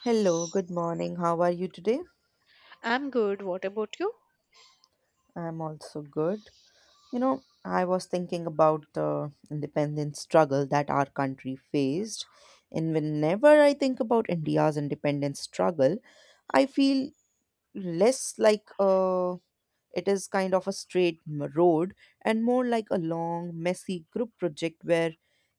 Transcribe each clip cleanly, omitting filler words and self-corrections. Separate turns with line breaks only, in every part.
Hello, good morning. How are you today?
I'm good. What about you?
I'm also good. You know, I was thinking about the independence struggle that our country faced, and whenever I think about India's independence struggle, I feel less like it is kind of a straight road and more like a long, messy group project where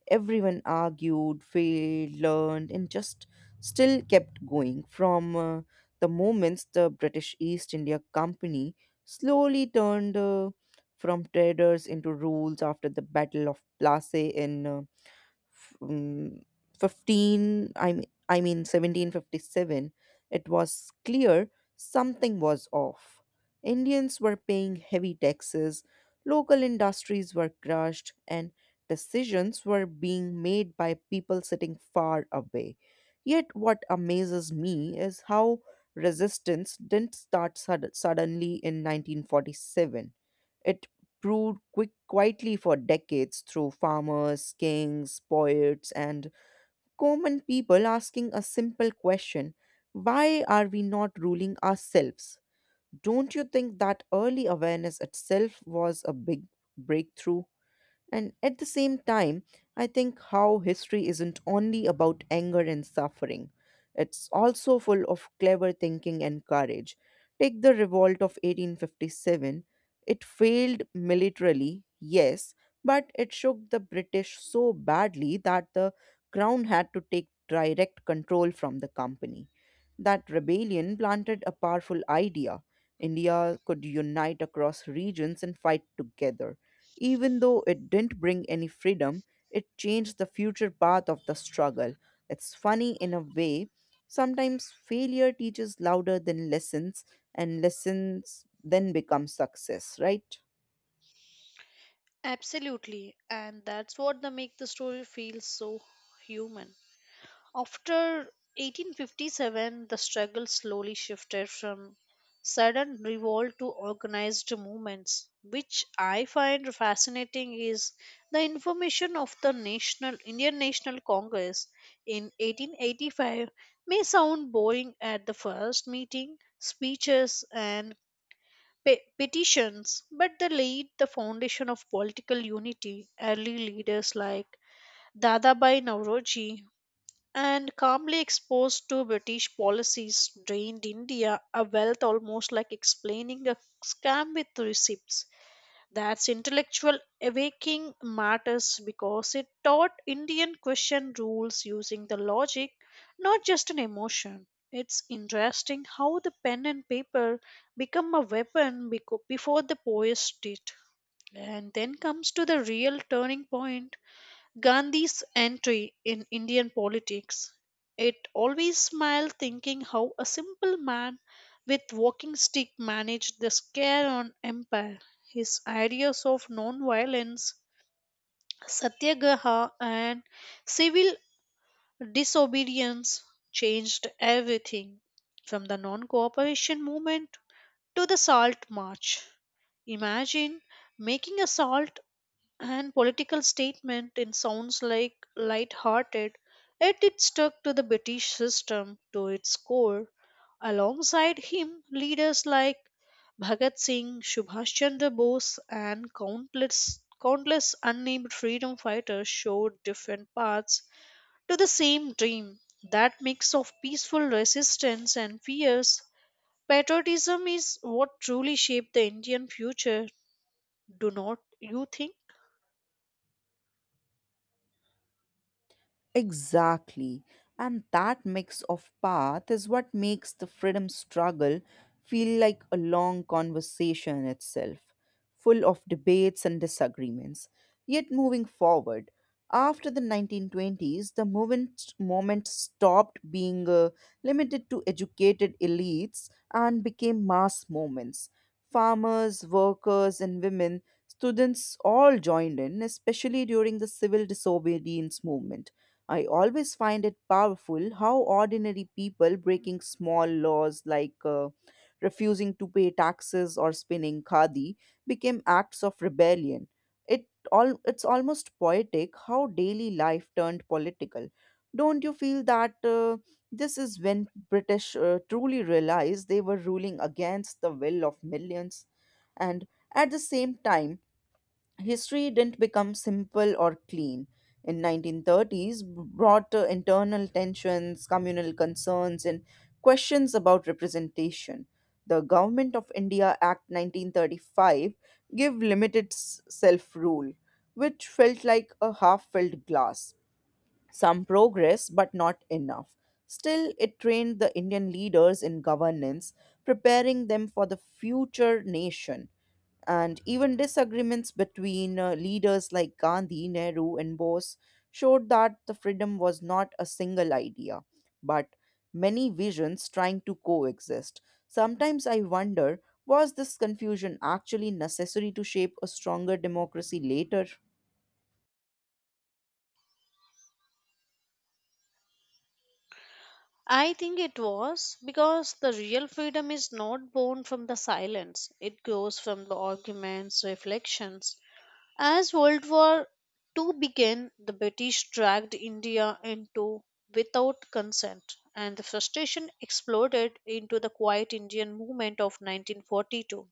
everyone argued, failed, learned, and just still kept going. From the moments the British East India Company slowly turned from traders into rules after the Battle of Plassey in uh, f- um, 15 i mean i mean 1757. It was clear something was off. Indians were paying heavy taxes, local industries were crushed, and decisions were being made by people sitting far away. Yet what amazes me is how resistance didn't start suddenly in 1947. It brewed quietly for decades through farmers, kings, poets, and common people asking a simple question: why are we not ruling ourselves? Don't you think that early awareness itself was a big breakthrough? And at the same time, I think how history isn't only about anger and suffering, it's also full of clever thinking and courage. Take the revolt of 1857. It failed militarily, yes, but it shook the British so badly that the crown had to take direct control from the company. That rebellion planted a powerful idea. India could unite across regions and fight together. Even though it didn't bring any freedom, it changed the future path of the struggle. It's funny in a way. Sometimes failure teaches louder than lessons, and lessons then become success, right?
Absolutely. And that's what the make the story feel so human. After 1857, the struggle slowly shifted from sudden revolt to organized movements. Which I find fascinating is the information of the National Indian National Congress in 1885 may sound boring at the first meeting, speeches and petitions, but they laid the foundation of political unity. Early leaders like Dadabhai Nauroji and calmly exposed to British policies drained India a wealth almost like explaining a scam with receipts. That's intellectual awakening matters because it taught Indian question rules using the logic, not just an emotion. It's interesting how the pen and paper become a weapon before the poets did. And then comes to the real turning point Gandhi's entry in Indian politics. It always smiled thinking how a simple man with walking stick managed the scare on empire. His ideas of non-violence, satyagraha and civil disobedience changed everything from the non-cooperation movement to the salt march. Imagine making a salt and political statement in sounds like light-hearted, yet it stuck to the British system to its core. Alongside him, leaders like Bhagat Singh, Subhash Chandra Bose, and countless unnamed freedom fighters showed different paths to the same dream. That mix of peaceful resistance and fierce patriotism is what truly shaped the Indian future. Do not you think?
Exactly. And that mix of path is what makes the freedom struggle feel like a long conversation itself, full of debates and disagreements. Yet moving forward, after the 1920s, the movement stopped being limited to educated elites and became mass movements. Farmers, workers, and women, students all joined in, especially during the civil disobedience movement. I always find it powerful how ordinary people breaking small laws like refusing to pay taxes or spinning khadi became acts of rebellion. It's almost poetic how daily life turned political. Don't you feel that this is when British truly realized they were ruling against the will of millions? And at the same time, history didn't become simple or clean. In 1930s brought internal tensions, communal concerns, and questions about representation. The Government of India Act 1935 gave limited self rule, which felt like a half filled glass, some progress, but not enough. Still, it trained the Indian leaders in governance, preparing them for the future nation. And even disagreements between leaders like Gandhi, Nehru, and Bose showed that the freedom was not a single idea, but many visions trying to coexist. Sometimes I wonder, was this confusion actually necessary to shape a stronger democracy later?
I think it was because the real freedom is not born from the silence. It grows from the arguments, reflections. As World War II began, the British dragged India into without consent, and the frustration exploded into the quiet Indian movement of 1942.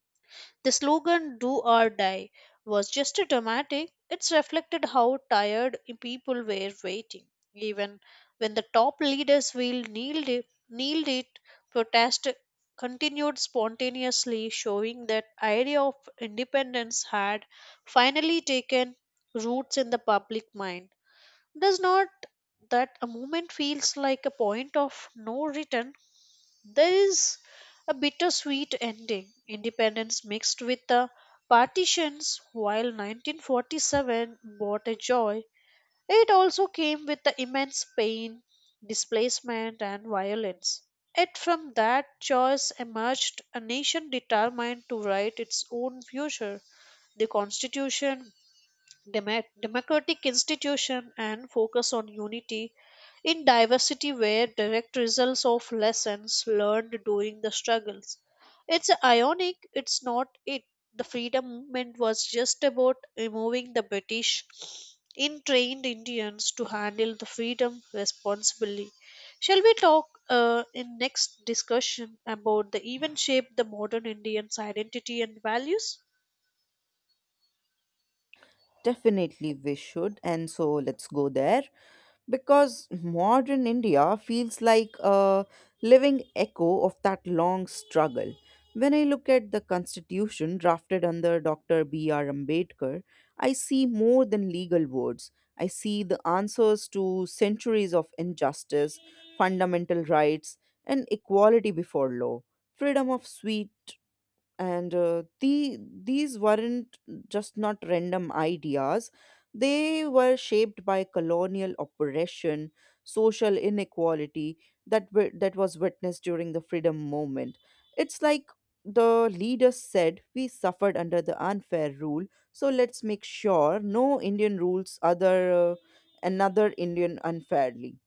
The slogan Do or Die was just a dramatic, it reflected how tired people were waiting. Even when the top leaders will kneeled it, protest continued spontaneously, showing that idea of independence had finally taken roots in the public mind. Does not that a moment feels like a point of no return? There is a bittersweet ending, independence mixed with the partitions, while 1947 brought a joy. It also came with the immense pain, displacement, and violence. Yet from that choice emerged a nation determined to write its own future. The Constitution democratic institution and focus on unity in diversity were direct results of lessons learned during the struggles. It's ironic, it's not it. The freedom movement was just about removing the British in trained Indians to handle the freedom responsibly. Shall we talk in next discussion about the event shape the modern Indians' identity and values?
Definitely, we should. And so let's go there because modern India feels like a living echo of that long struggle. When I look at the constitution drafted under Dr. B.R. Ambedkar, I see more than legal words. I see the answers to centuries of injustice, fundamental rights, and equality before law, freedom of speech, and these weren't just not random ideas. They were shaped by colonial oppression, social inequality, that was witnessed during the freedom movement. It's like the leaders said, we suffered under the unfair rule, so let's make sure no Indian rules other another Indian unfairly.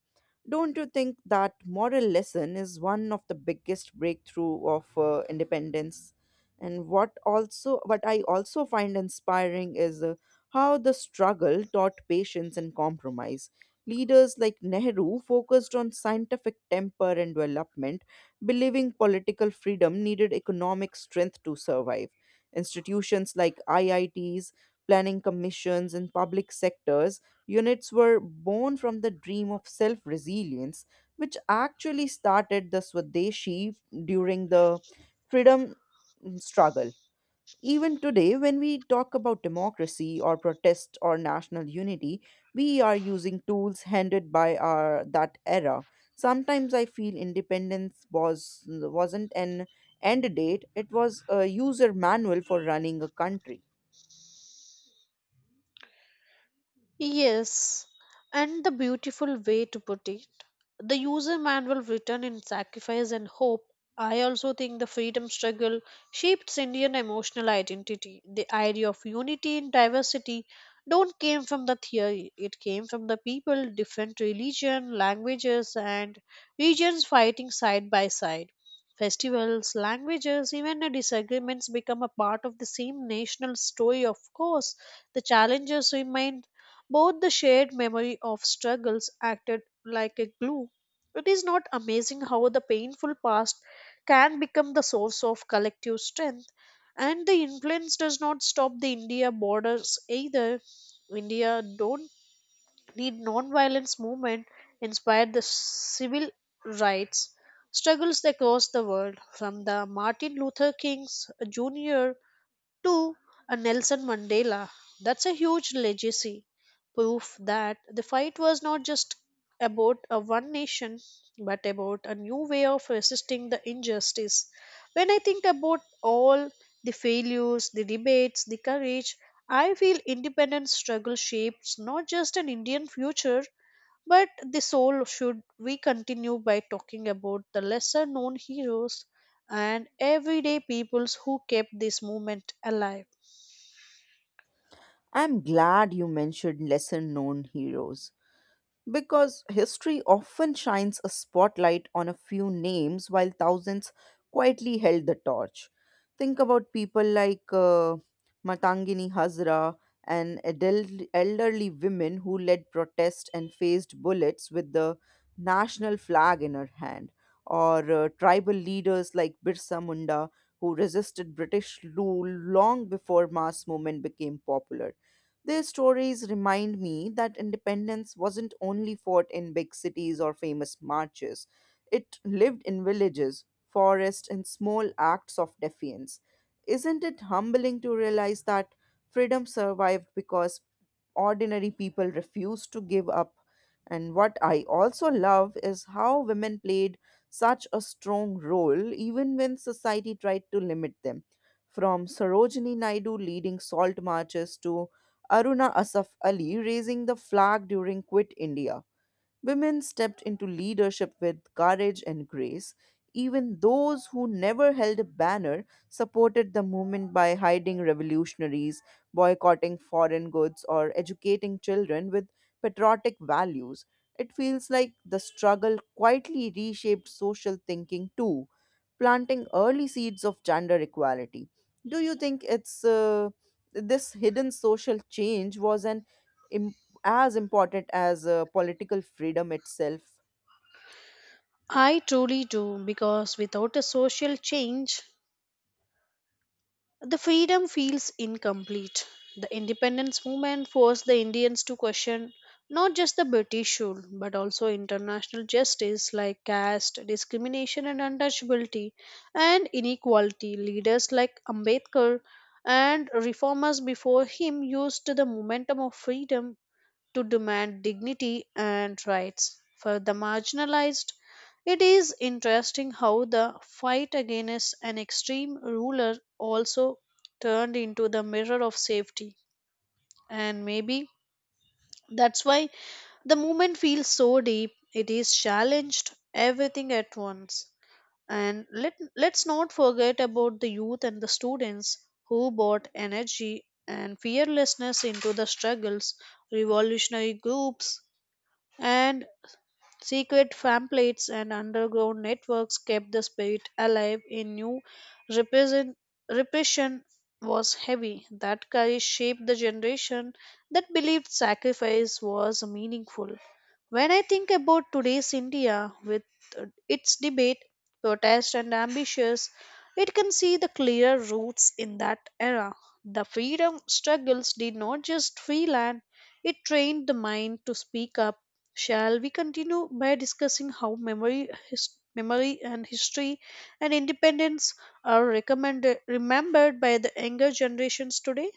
Don't you think that moral lesson is one of the biggest breakthrough of independence? And what I also find inspiring is how the struggle taught patience and compromise. Leaders like Nehru focused on scientific temper and development, believing political freedom needed economic strength to survive. Institutions like IITs, planning commissions, and public sectors units were born from the dream of self resilience, which actually started the Swadeshi during the freedom struggle. Even today, when we talk about democracy or protest or national unity, we are using tools handed by our that era. Sometimes I feel independence was wasn't an end date; it was a user manual for running a country.
Yes, and the beautiful way to put it the user manual written in sacrifice and hope. I also think the freedom struggle shaped Indian emotional identity. The idea of unity in diversity don't came from the theory, it came from the people. Different religion, languages and regions fighting side by side. Festivals, languages, even the disagreements become a part of the same national story. Of course the challenges remain, both the shared memory of struggles acted like a glue. It is not amazing how the painful past can become the source of collective strength, and the influence does not stop the India borders either. India don't need non-violence movement inspired the civil rights struggles across the world, from the Martin Luther King's Jr to a Nelson Mandela. That's a huge legacy, proof that the fight was not just about a one nation, but about a new way of resisting the injustice. When I think about all the failures, the debates, the courage, I feel independence struggle shapes not just an Indian future but the soul. Should we continue by talking about the lesser known heroes and everyday peoples who kept this movement alive?
I'm glad you mentioned lesser known heroes because history often shines a spotlight on a few names while thousands quietly held the torch. Think about people like Matangini Hazra and elderly women who led protests and faced bullets with the national flag in her hand, or tribal leaders like Birsa Munda who resisted British rule long before mass movement became popular. Their stories remind me that independence wasn't only fought in big cities or famous marches, it lived in villages, forests, and small acts of defiance. Isn't it humbling to realize that freedom survived because ordinary people refused to give up? And what I also love is how women played such a strong role even when society tried to limit them. From Sarojini Naidu leading salt marches to Aruna Asaf Ali raising the flag during Quit India. Women stepped into leadership with courage and grace. Even those who never held a banner supported the movement by hiding revolutionaries, boycotting foreign goods, or educating children with patriotic values. It feels like the struggle quietly reshaped social thinking too, planting early seeds of gender equality. Do you think it's this hidden social change was an as important as political freedom itself?
I truly do because without a social change the freedom feels incomplete. The independence movement forced the Indians to question not just the British rule but also international justice like caste, discrimination, and untouchability, and inequality. Leaders like Ambedkar and reformers before him used the momentum of freedom to demand dignity and rights for the marginalized. It is interesting how the fight against an extreme ruler also turned into the mirror of safety, and maybe that's why the movement feels so deep. It is challenged everything at once. And let's not forget about the youth and the students who brought energy and fearlessness into the struggles, revolutionary groups, and secret pamphlets and underground networks kept the spirit alive in new repression repression was heavy that courage shaped the generation that believed sacrifice was meaningful. When I think about today's India with its debate, protest and ambitions, it can see the clear roots in that era. The freedom struggles did not just free land, it trained the mind to speak up. Shall we continue by discussing how memory and history and independence are remembered by the younger generations today?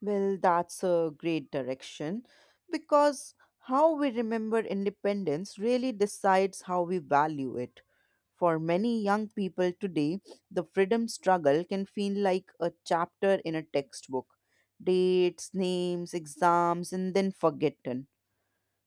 Well, that's a great direction because how we remember independence really decides how we value it. For many young people today, the freedom struggle can feel like a chapter in a textbook, dates, names, exams, and then forgotten.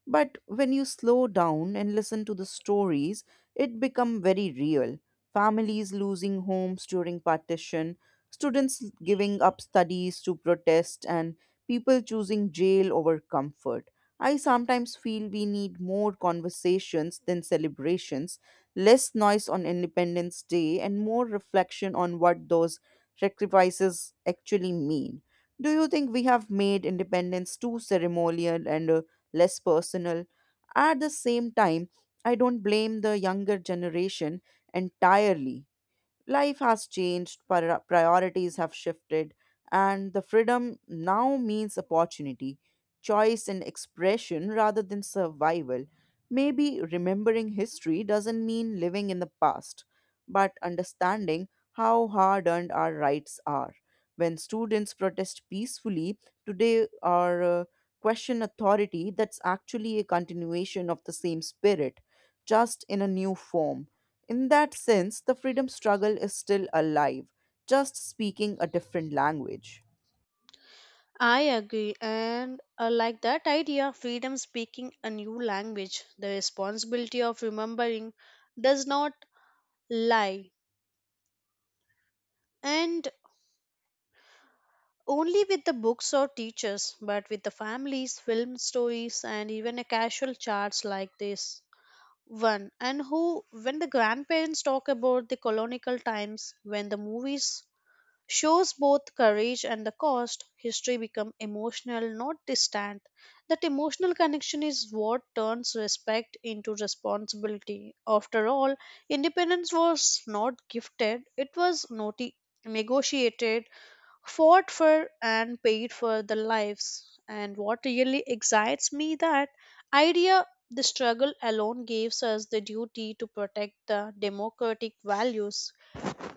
But when you slow down and listen to the stories, it become very real. Families losing homes during partition, students giving up studies to protest, and people choosing jail over comfort. I sometimes feel we need more conversations than celebrations, less noise on Independence Day, and more reflection on what those sacrifices actually mean. Do you think we have made independence too ceremonial and less personal? At the same time, I don't blame the younger generation entirely. Life has changed, priorities have shifted, and the freedom now means opportunity, choice, and expression rather than survival. Maybe remembering history doesn't mean living in the past, but understanding how hard earned our rights are. When students protest peacefully, today or question authority, that's actually a continuation of the same spirit, just in a new form. In that sense, the freedom struggle is still alive, just speaking a different language.
I agree, and I like that idea. Freedom speaking a new language, the responsibility of remembering does not lie, and only with the books or teachers, but with the families, film stories, and even a casual charts like this. One and who when the grandparents talk about the colonial times, when the movies shows both courage and the cost, history become emotional not distant. That emotional connection is what turns respect into responsibility. After all, independence was not gifted, it was negotiated, fought for and paid for their lives. And what really excites me that idea, the struggle alone gives us the duty to protect the democratic values,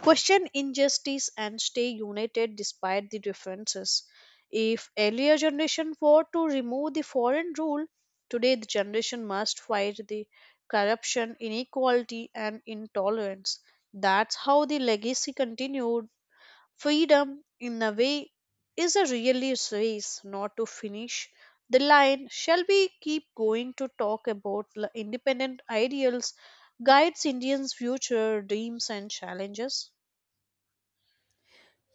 question injustice and stay united despite the differences. If earlier generation fought to remove the foreign rule, today the generation must fight the corruption, inequality and intolerance. That's how the legacy continued. Freedom, in a way, is a really race not to finish the line. Shall we keep going to talk about independent ideals, guides Indians' future dreams and challenges?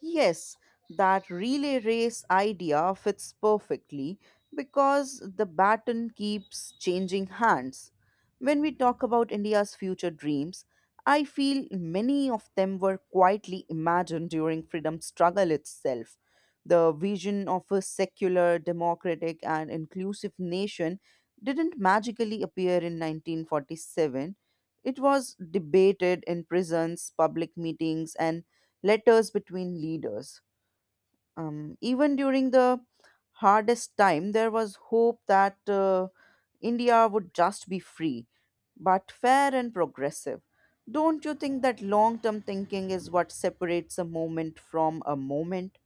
Yes, that relay race idea fits perfectly because the baton keeps changing hands. When we talk about India's future dreams, I feel many of them were quietly imagined during freedom struggle itself. The vision of a secular, democratic, and inclusive nation didn't magically appear in 1947. It was debated in prisons, public meetings, and letters between leaders. Even during the hardest time, there was hope that India would just be free, but fair and progressive. Don't you think that long term thinking is what separates a moment from a moment?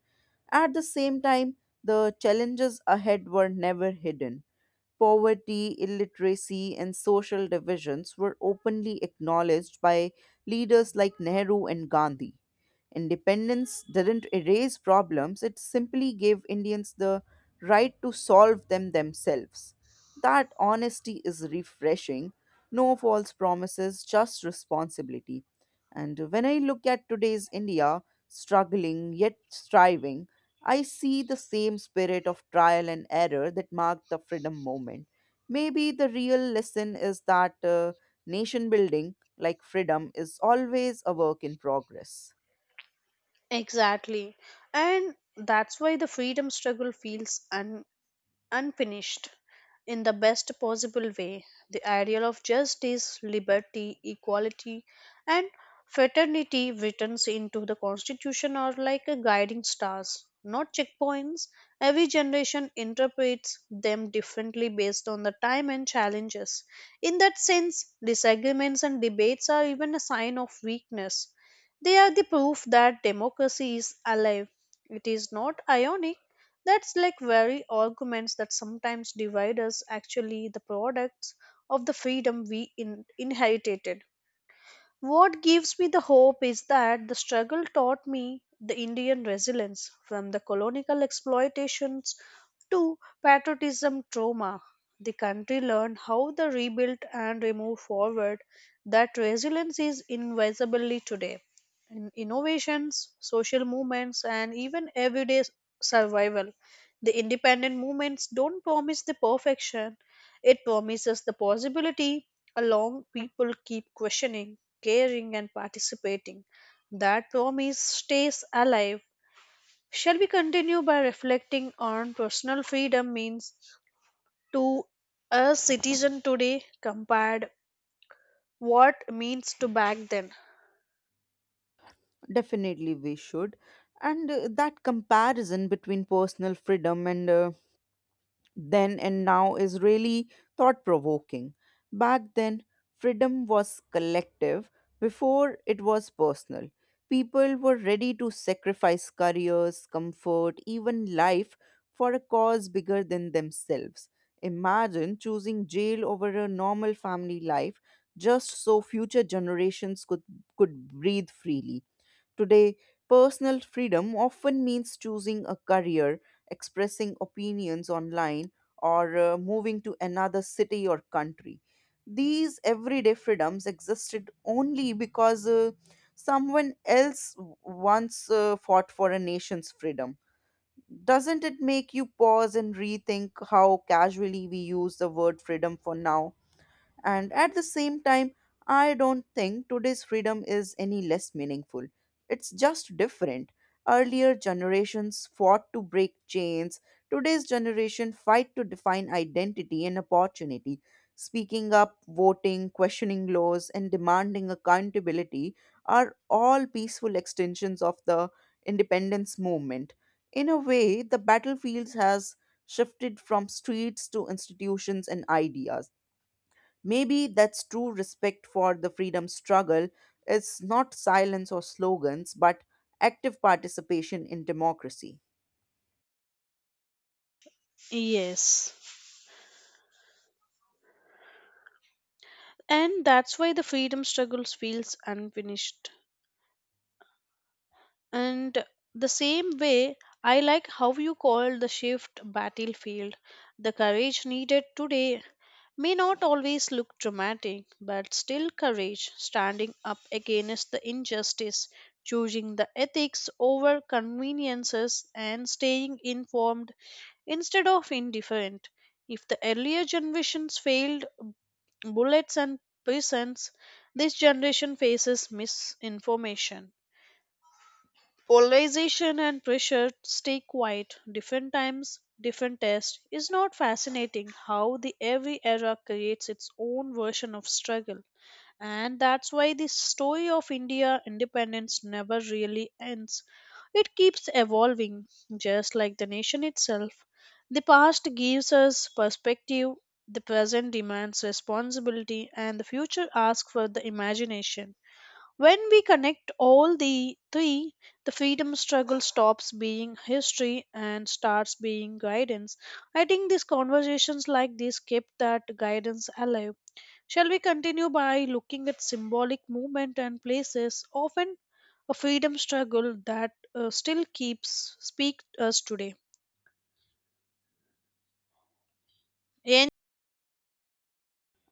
At the same time, the challenges ahead were never hidden, poverty, illiteracy, and social divisions were openly acknowledged by leaders like Nehru and Gandhi. Independence didn't erase problems, it simply gave Indians the right to solve them themselves. That honesty is refreshing. No false promises, just responsibility. And when I look at today's India, struggling yet striving, I see the same spirit of trial and error that marked the freedom movement. Maybe the real lesson is that nation building, like freedom, is always a work in progress.
Exactly. And that's why the freedom struggle feels un. Unfinished in the best possible way. The ideal of justice, liberty, equality, and fraternity returns into the constitution are like a guiding stars, not checkpoints. Every generation interprets them differently based on the time and challenges. In that sense, disagreements and debates are even a sign of weakness. They are the proof that democracy is alive. It is not ionic that's like very arguments that sometimes divide us actually the products of the freedom we inherited. What gives me the hope is that the struggle taught me the Indian resilience from the colonial exploitations to patriotism trauma. The country learned how to rebuild and move forward. That resilience is invisibly today. In innovations, social movements, and even everyday survival, the independent movements don't promise the perfection, it promises the possibility along people keep questioning, caring, and participating. That promise stays alive. Shall we continue by reflecting on personal freedom means to a citizen today compared what means to back then?
Definitely, we should. And that comparison between personal freedom and then and now is really thought provoking. Back then, freedom was collective, before it was personal. People were ready to sacrifice careers, comfort, even life for a cause bigger than themselves. Imagine choosing jail over a normal family life just so future generations could breathe freely. Today, personal freedom often means choosing a career, expressing opinions online, or moving to another city or country. These everyday freedoms existed only because someone else once fought for a nation's freedom. Doesn't it make you pause and rethink how casually we use the word freedom for now? And at the same time, I don't think today's freedom is any less meaningful. It's just different. Earlier generations fought to break chains. Today's generation fight to define identity and opportunity. Speaking up, voting, questioning laws, and demanding accountability are all peaceful extensions of the independence movement. In a way, the battlefield has shifted from streets to institutions and ideas. Maybe that's true respect for the freedom struggle. It's not silence or slogans, but active participation in democracy.
Yes. And that's why the freedom struggles feels unfinished. And the same way, I like how you call the shift battlefield. The courage needed today may not always look dramatic, but still courage, standing up against the injustice, choosing the ethics over conveniences, and staying informed instead of indifferent. If the earlier generations failed bullets and prisons, this generation faces misinformation, polarization and pressure stay quiet. Different times, different tests, is not fascinating how the every era creates its own version of struggle. And that's why the story of India independence never really ends. It keeps evolving, just like the nation itself. The past gives us perspective, the present demands responsibility, and the future asks for the imagination. When we connect all the three, the freedom struggle stops being history and starts being guidance. I think these conversations like this keep that guidance alive. Shall we continue by looking at symbolic movement and places, often a freedom struggle that still keeps speak us today?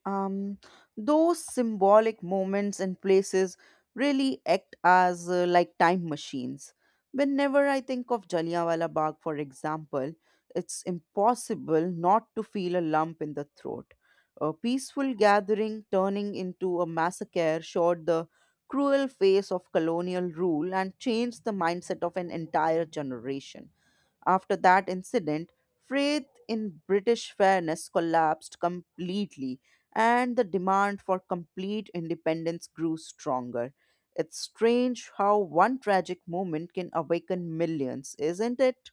Um, those symbolic moments and places really act as like time machines. Whenever I think of Jallianwala Bagh, for example, it's impossible not to feel a lump in the throat. A peaceful gathering turning into a massacre showed the cruel face of colonial rule and changed the mindset of an entire generation. After that incident, faith in British fairness collapsed completely, and the demand for complete independence grew stronger. It's strange how one tragic moment can awaken millions, isn't it?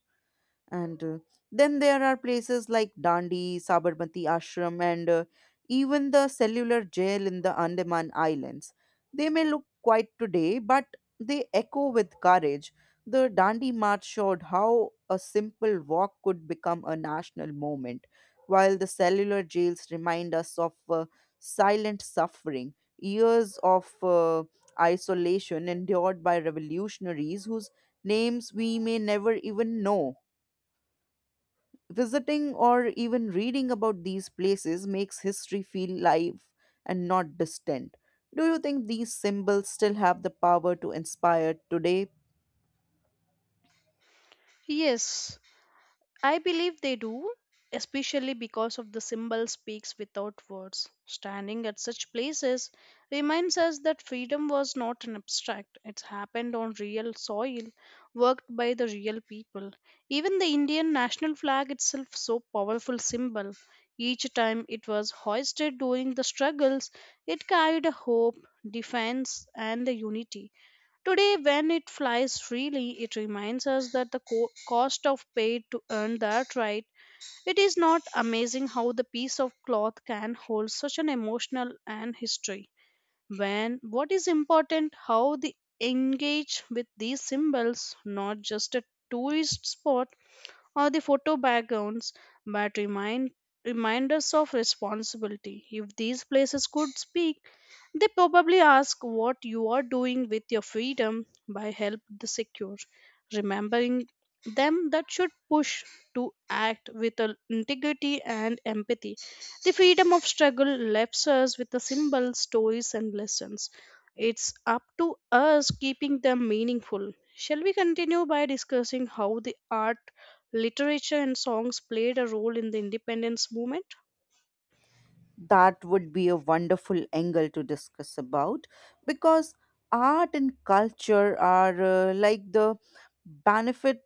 And Then there are places like Dandi, Sabarmati Ashram, and even the cellular jail in the Andaman Islands. They may look quiet today, but they echo with courage. The Dandi March showed how a simple walk could become a national movement, while the cellular jails remind us of silent suffering, years of isolation endured by revolutionaries whose names we may never even know. Visiting or even reading about these places makes history feel live and not distant. Do you think these symbols still have the power to inspire today?
Yes, I believe they do, especially because of the symbol speaks without words. Standing at such places reminds us that freedom was not an abstract, it happened on real soil, worked by the real people. Even the Indian national flag itself so powerful symbol. Each time it was hoisted during the struggles, it carried a hope, defense and a unity. Today, when it flies freely, it reminds us that the cost of paid to earn that right. It is not amazing how the piece of cloth can hold such an emotional and history. When what is important, how they engage with these symbols, not just a tourist spot or the photo backgrounds, but remind us of responsibility. If these places could speak, they probably ask what you are doing with your freedom by help the secure. Remembering them that should push to act with a integrity and empathy. The freedom of struggle left us with the symbols, stories and lessons. It's up to us keeping them meaningful. Shall we continue by discussing how the art, literature and songs played a role in the independence movement?
That would be a wonderful angle to discuss about, because art and culture are like the benefit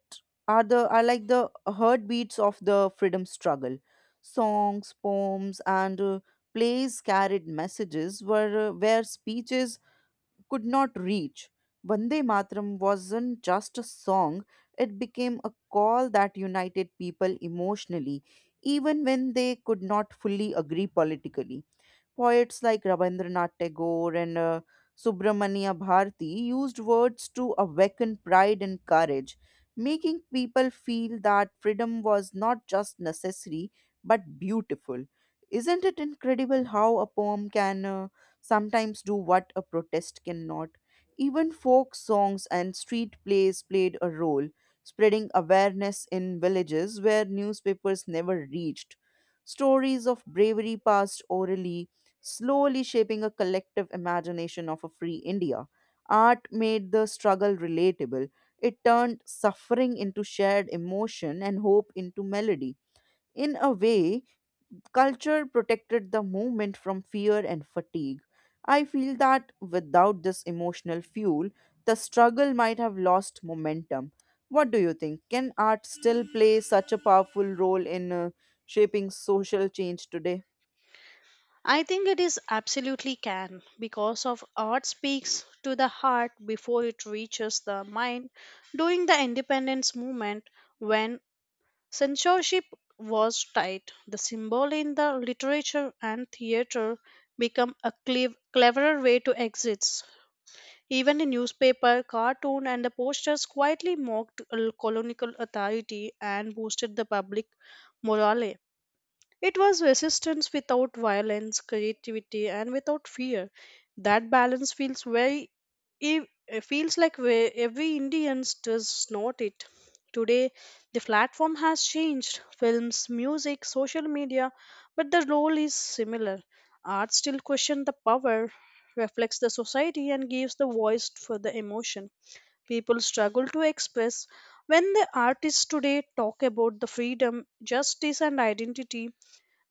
are the are like the heartbeats of the freedom struggle. Songs, poems, and plays carried messages were where speeches could not reach. Vande Mataram wasn't just a song, it became a call that united people emotionally, even when they could not fully agree politically. Poets like Rabindranath Tagore and Subramania Bharati used words to awaken pride and courage, making people feel that freedom was not just necessary but beautiful. Isn't it incredible how a poem can sometimes do what a protest cannot? Even folk songs and street plays played a role, spreading awareness in villages where newspapers never reached. Stories of bravery passed orally, slowly shaping a collective imagination of a free India. Art made the struggle relatable. It turned suffering into shared emotion and hope into melody. In a way, culture protected the movement from fear and fatigue. I feel that without this emotional fuel, the struggle might have lost momentum. What do you think? Can art still play such a powerful role in shaping social change today?
I think it is absolutely can because of art speaks to the heart before it reaches the mind. During the independence movement, when censorship was tight, the symbol in the literature and theater become a cleverer way to exist. Even the newspaper, cartoon, and the posters quietly mocked colonial authority and boosted the public morale. It was resistance without violence, creativity, and without fear. That balance feels it feels like where every Indians does not it. Today, the platform has changed films, music, social media, but the role is similar. Art still questions the power, reflects the society, and gives the voice for the emotion. People struggle to express when the artists today talk about the freedom, justice, and identity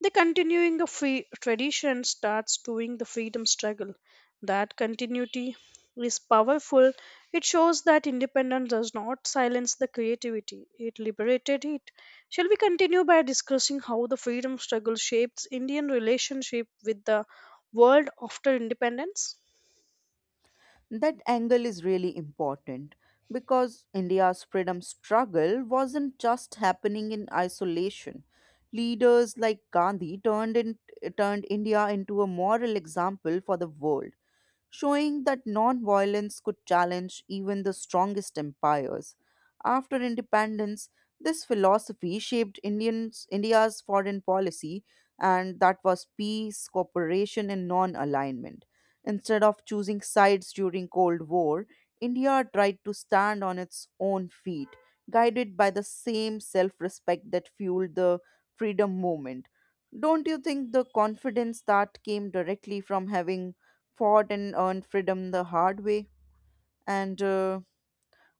the continuing the free tradition starts doing the freedom struggle. That continuity is powerful. It shows that independence does not silence the creativity. It liberated it. Shall we continue by discussing how the freedom struggle shapes Indian relationship with the world after independence?
That angle is really important because India's freedom struggle wasn't just happening in isolation. Leaders like Gandhi turned India into a moral example for the world, showing that nonviolence could challenge even the strongest empires. After independence, this philosophy shaped India's foreign policy, and that was peace, cooperation, and non alignment. Instead of choosing sides during Cold War, India tried to stand on its own feet, guided by the same self respect that fueled the freedom movement. Don't you think the confidence that came directly from having fought and earned freedom the hard way. And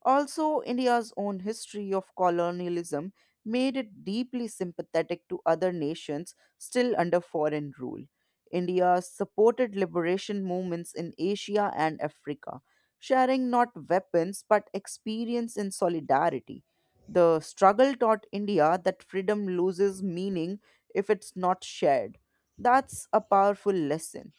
also, India's own history of colonialism made it deeply sympathetic to other nations still under foreign rule. India supported liberation movements in Asia and Africa, sharing not weapons but experience in solidarity. The struggle taught India that freedom loses meaning if it's not shared. That's a powerful lesson,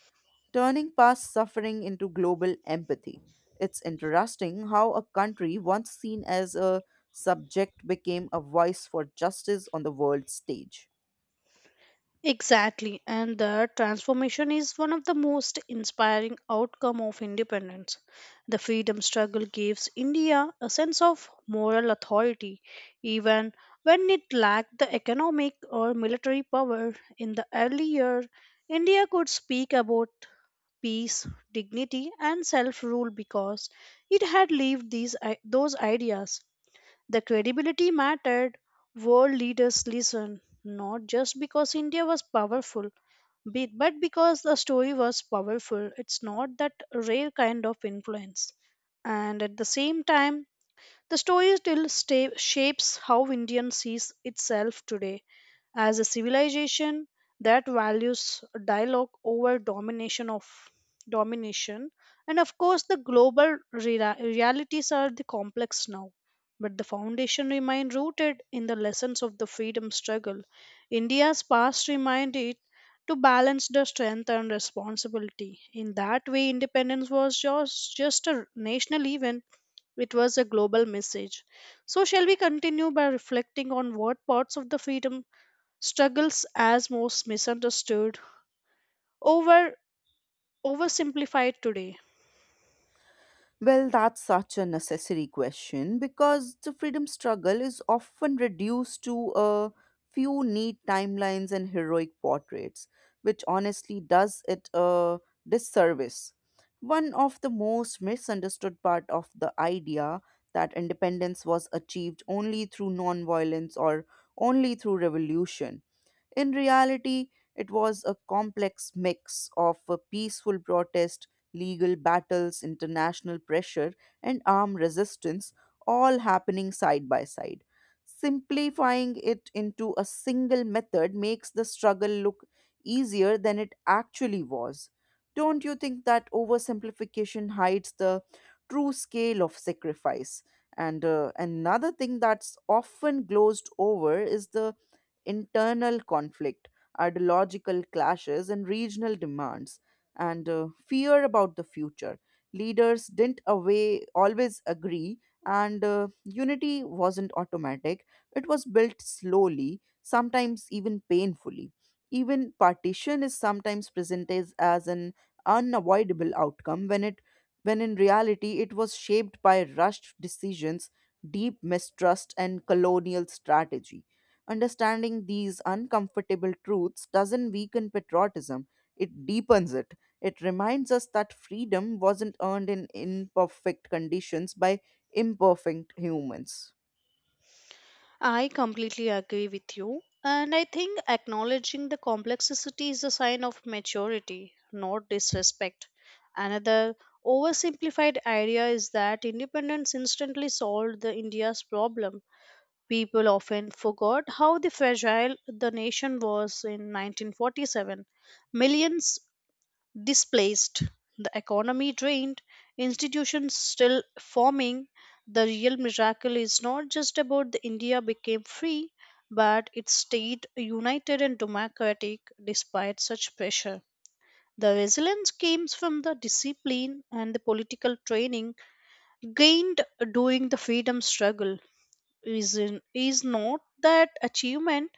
turning past suffering into global empathy. It's interesting how a country once seen as a subject became a voice for justice on the world stage.
Exactly, and the transformation is one of the most inspiring outcome of independence. The freedom struggle gives India a sense of moral authority even when it lacked the economic or military power in the early year. India could speak about peace, dignity and self-rule because it had lived those ideas. The credibility mattered. World leaders listened, not just because India was powerful, but because the story was powerful. It's not that rare kind of influence. And at the same time, the story shapes how India sees itself today as a civilization that values dialogue over domination, and of course the global realities are the complex now, but the foundation remain rooted in the lessons of the freedom struggle. India's past remind it to balance the strength and responsibility. In that way independence was just a national event, it was a global message. So, shall we continue by reflecting on what parts of the freedom struggles as most misunderstood, over oversimplified today?
Well, that's such a necessary question because the freedom struggle is often reduced to a few neat timelines and heroic portraits, which honestly does it a disservice. One of the most misunderstood part of the idea that independence was achieved only through nonviolence or only through revolution, in reality, it was a complex mix of a peaceful protest, legal battles, international pressure, and armed resistance, all happening side by side. Simplifying it into a single method makes the struggle look easier than it actually was. Don't you think that oversimplification hides the true scale of sacrifice? And another thing that's often glozed over is the internal conflict, ideological clashes, and regional demands, and fear about the future. Leaders didn't away, always agree, and unity wasn't automatic. It was built slowly, sometimes even painfully. Even partition is sometimes presented as an unavoidable outcome when in reality it was shaped by rushed decisions, deep mistrust, and colonial strategy. Understanding these uncomfortable truths doesn't weaken patriotism, it deepens it. It reminds us that freedom wasn't earned in imperfect conditions by imperfect humans.
I completely agree with you, and I think acknowledging the complexity is a sign of maturity, not disrespect. Another oversimplified idea is that independence instantly solved the India's problem. People often forgot how the fragile the nation was in 1947. Millions displaced, the economy drained, institutions still forming. The real miracle is not just about the India became free, but it stayed united and democratic despite such pressure. The resilience came from the discipline and the political training gained during the freedom struggle is, is not that achievement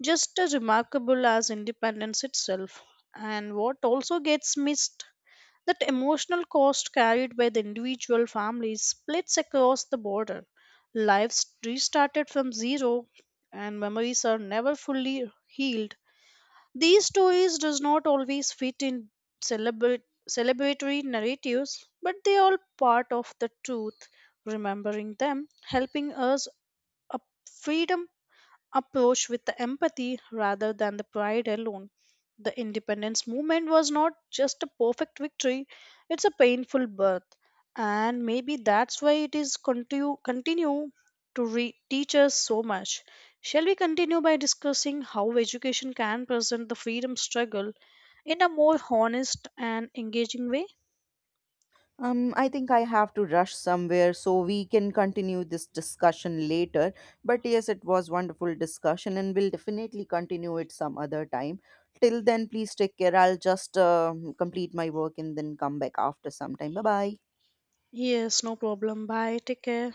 just as remarkable as independence itself. And what also gets missed that emotional cost carried by the individual families splits across the border. Lives restarted from zero and memories are never fully healed. These stories does not always fit in celebra- celebratory narratives, but they are all part of the truth remembering them, helping us a freedom approach with the empathy rather than the pride alone. The independence movement was not just a perfect victory, it's a painful birth. And maybe that's why it continue to teach us so much. Shall we continue by discussing how education can present the freedom struggle in a more honest and engaging way?
I think I have to rush somewhere, so we can continue this discussion later. But yes, it was wonderful discussion, and we'll definitely continue it some other time. Till then, please take care. I'll just complete my work and then come back after some time. Bye bye.
Yes, no problem. Bye. Take care.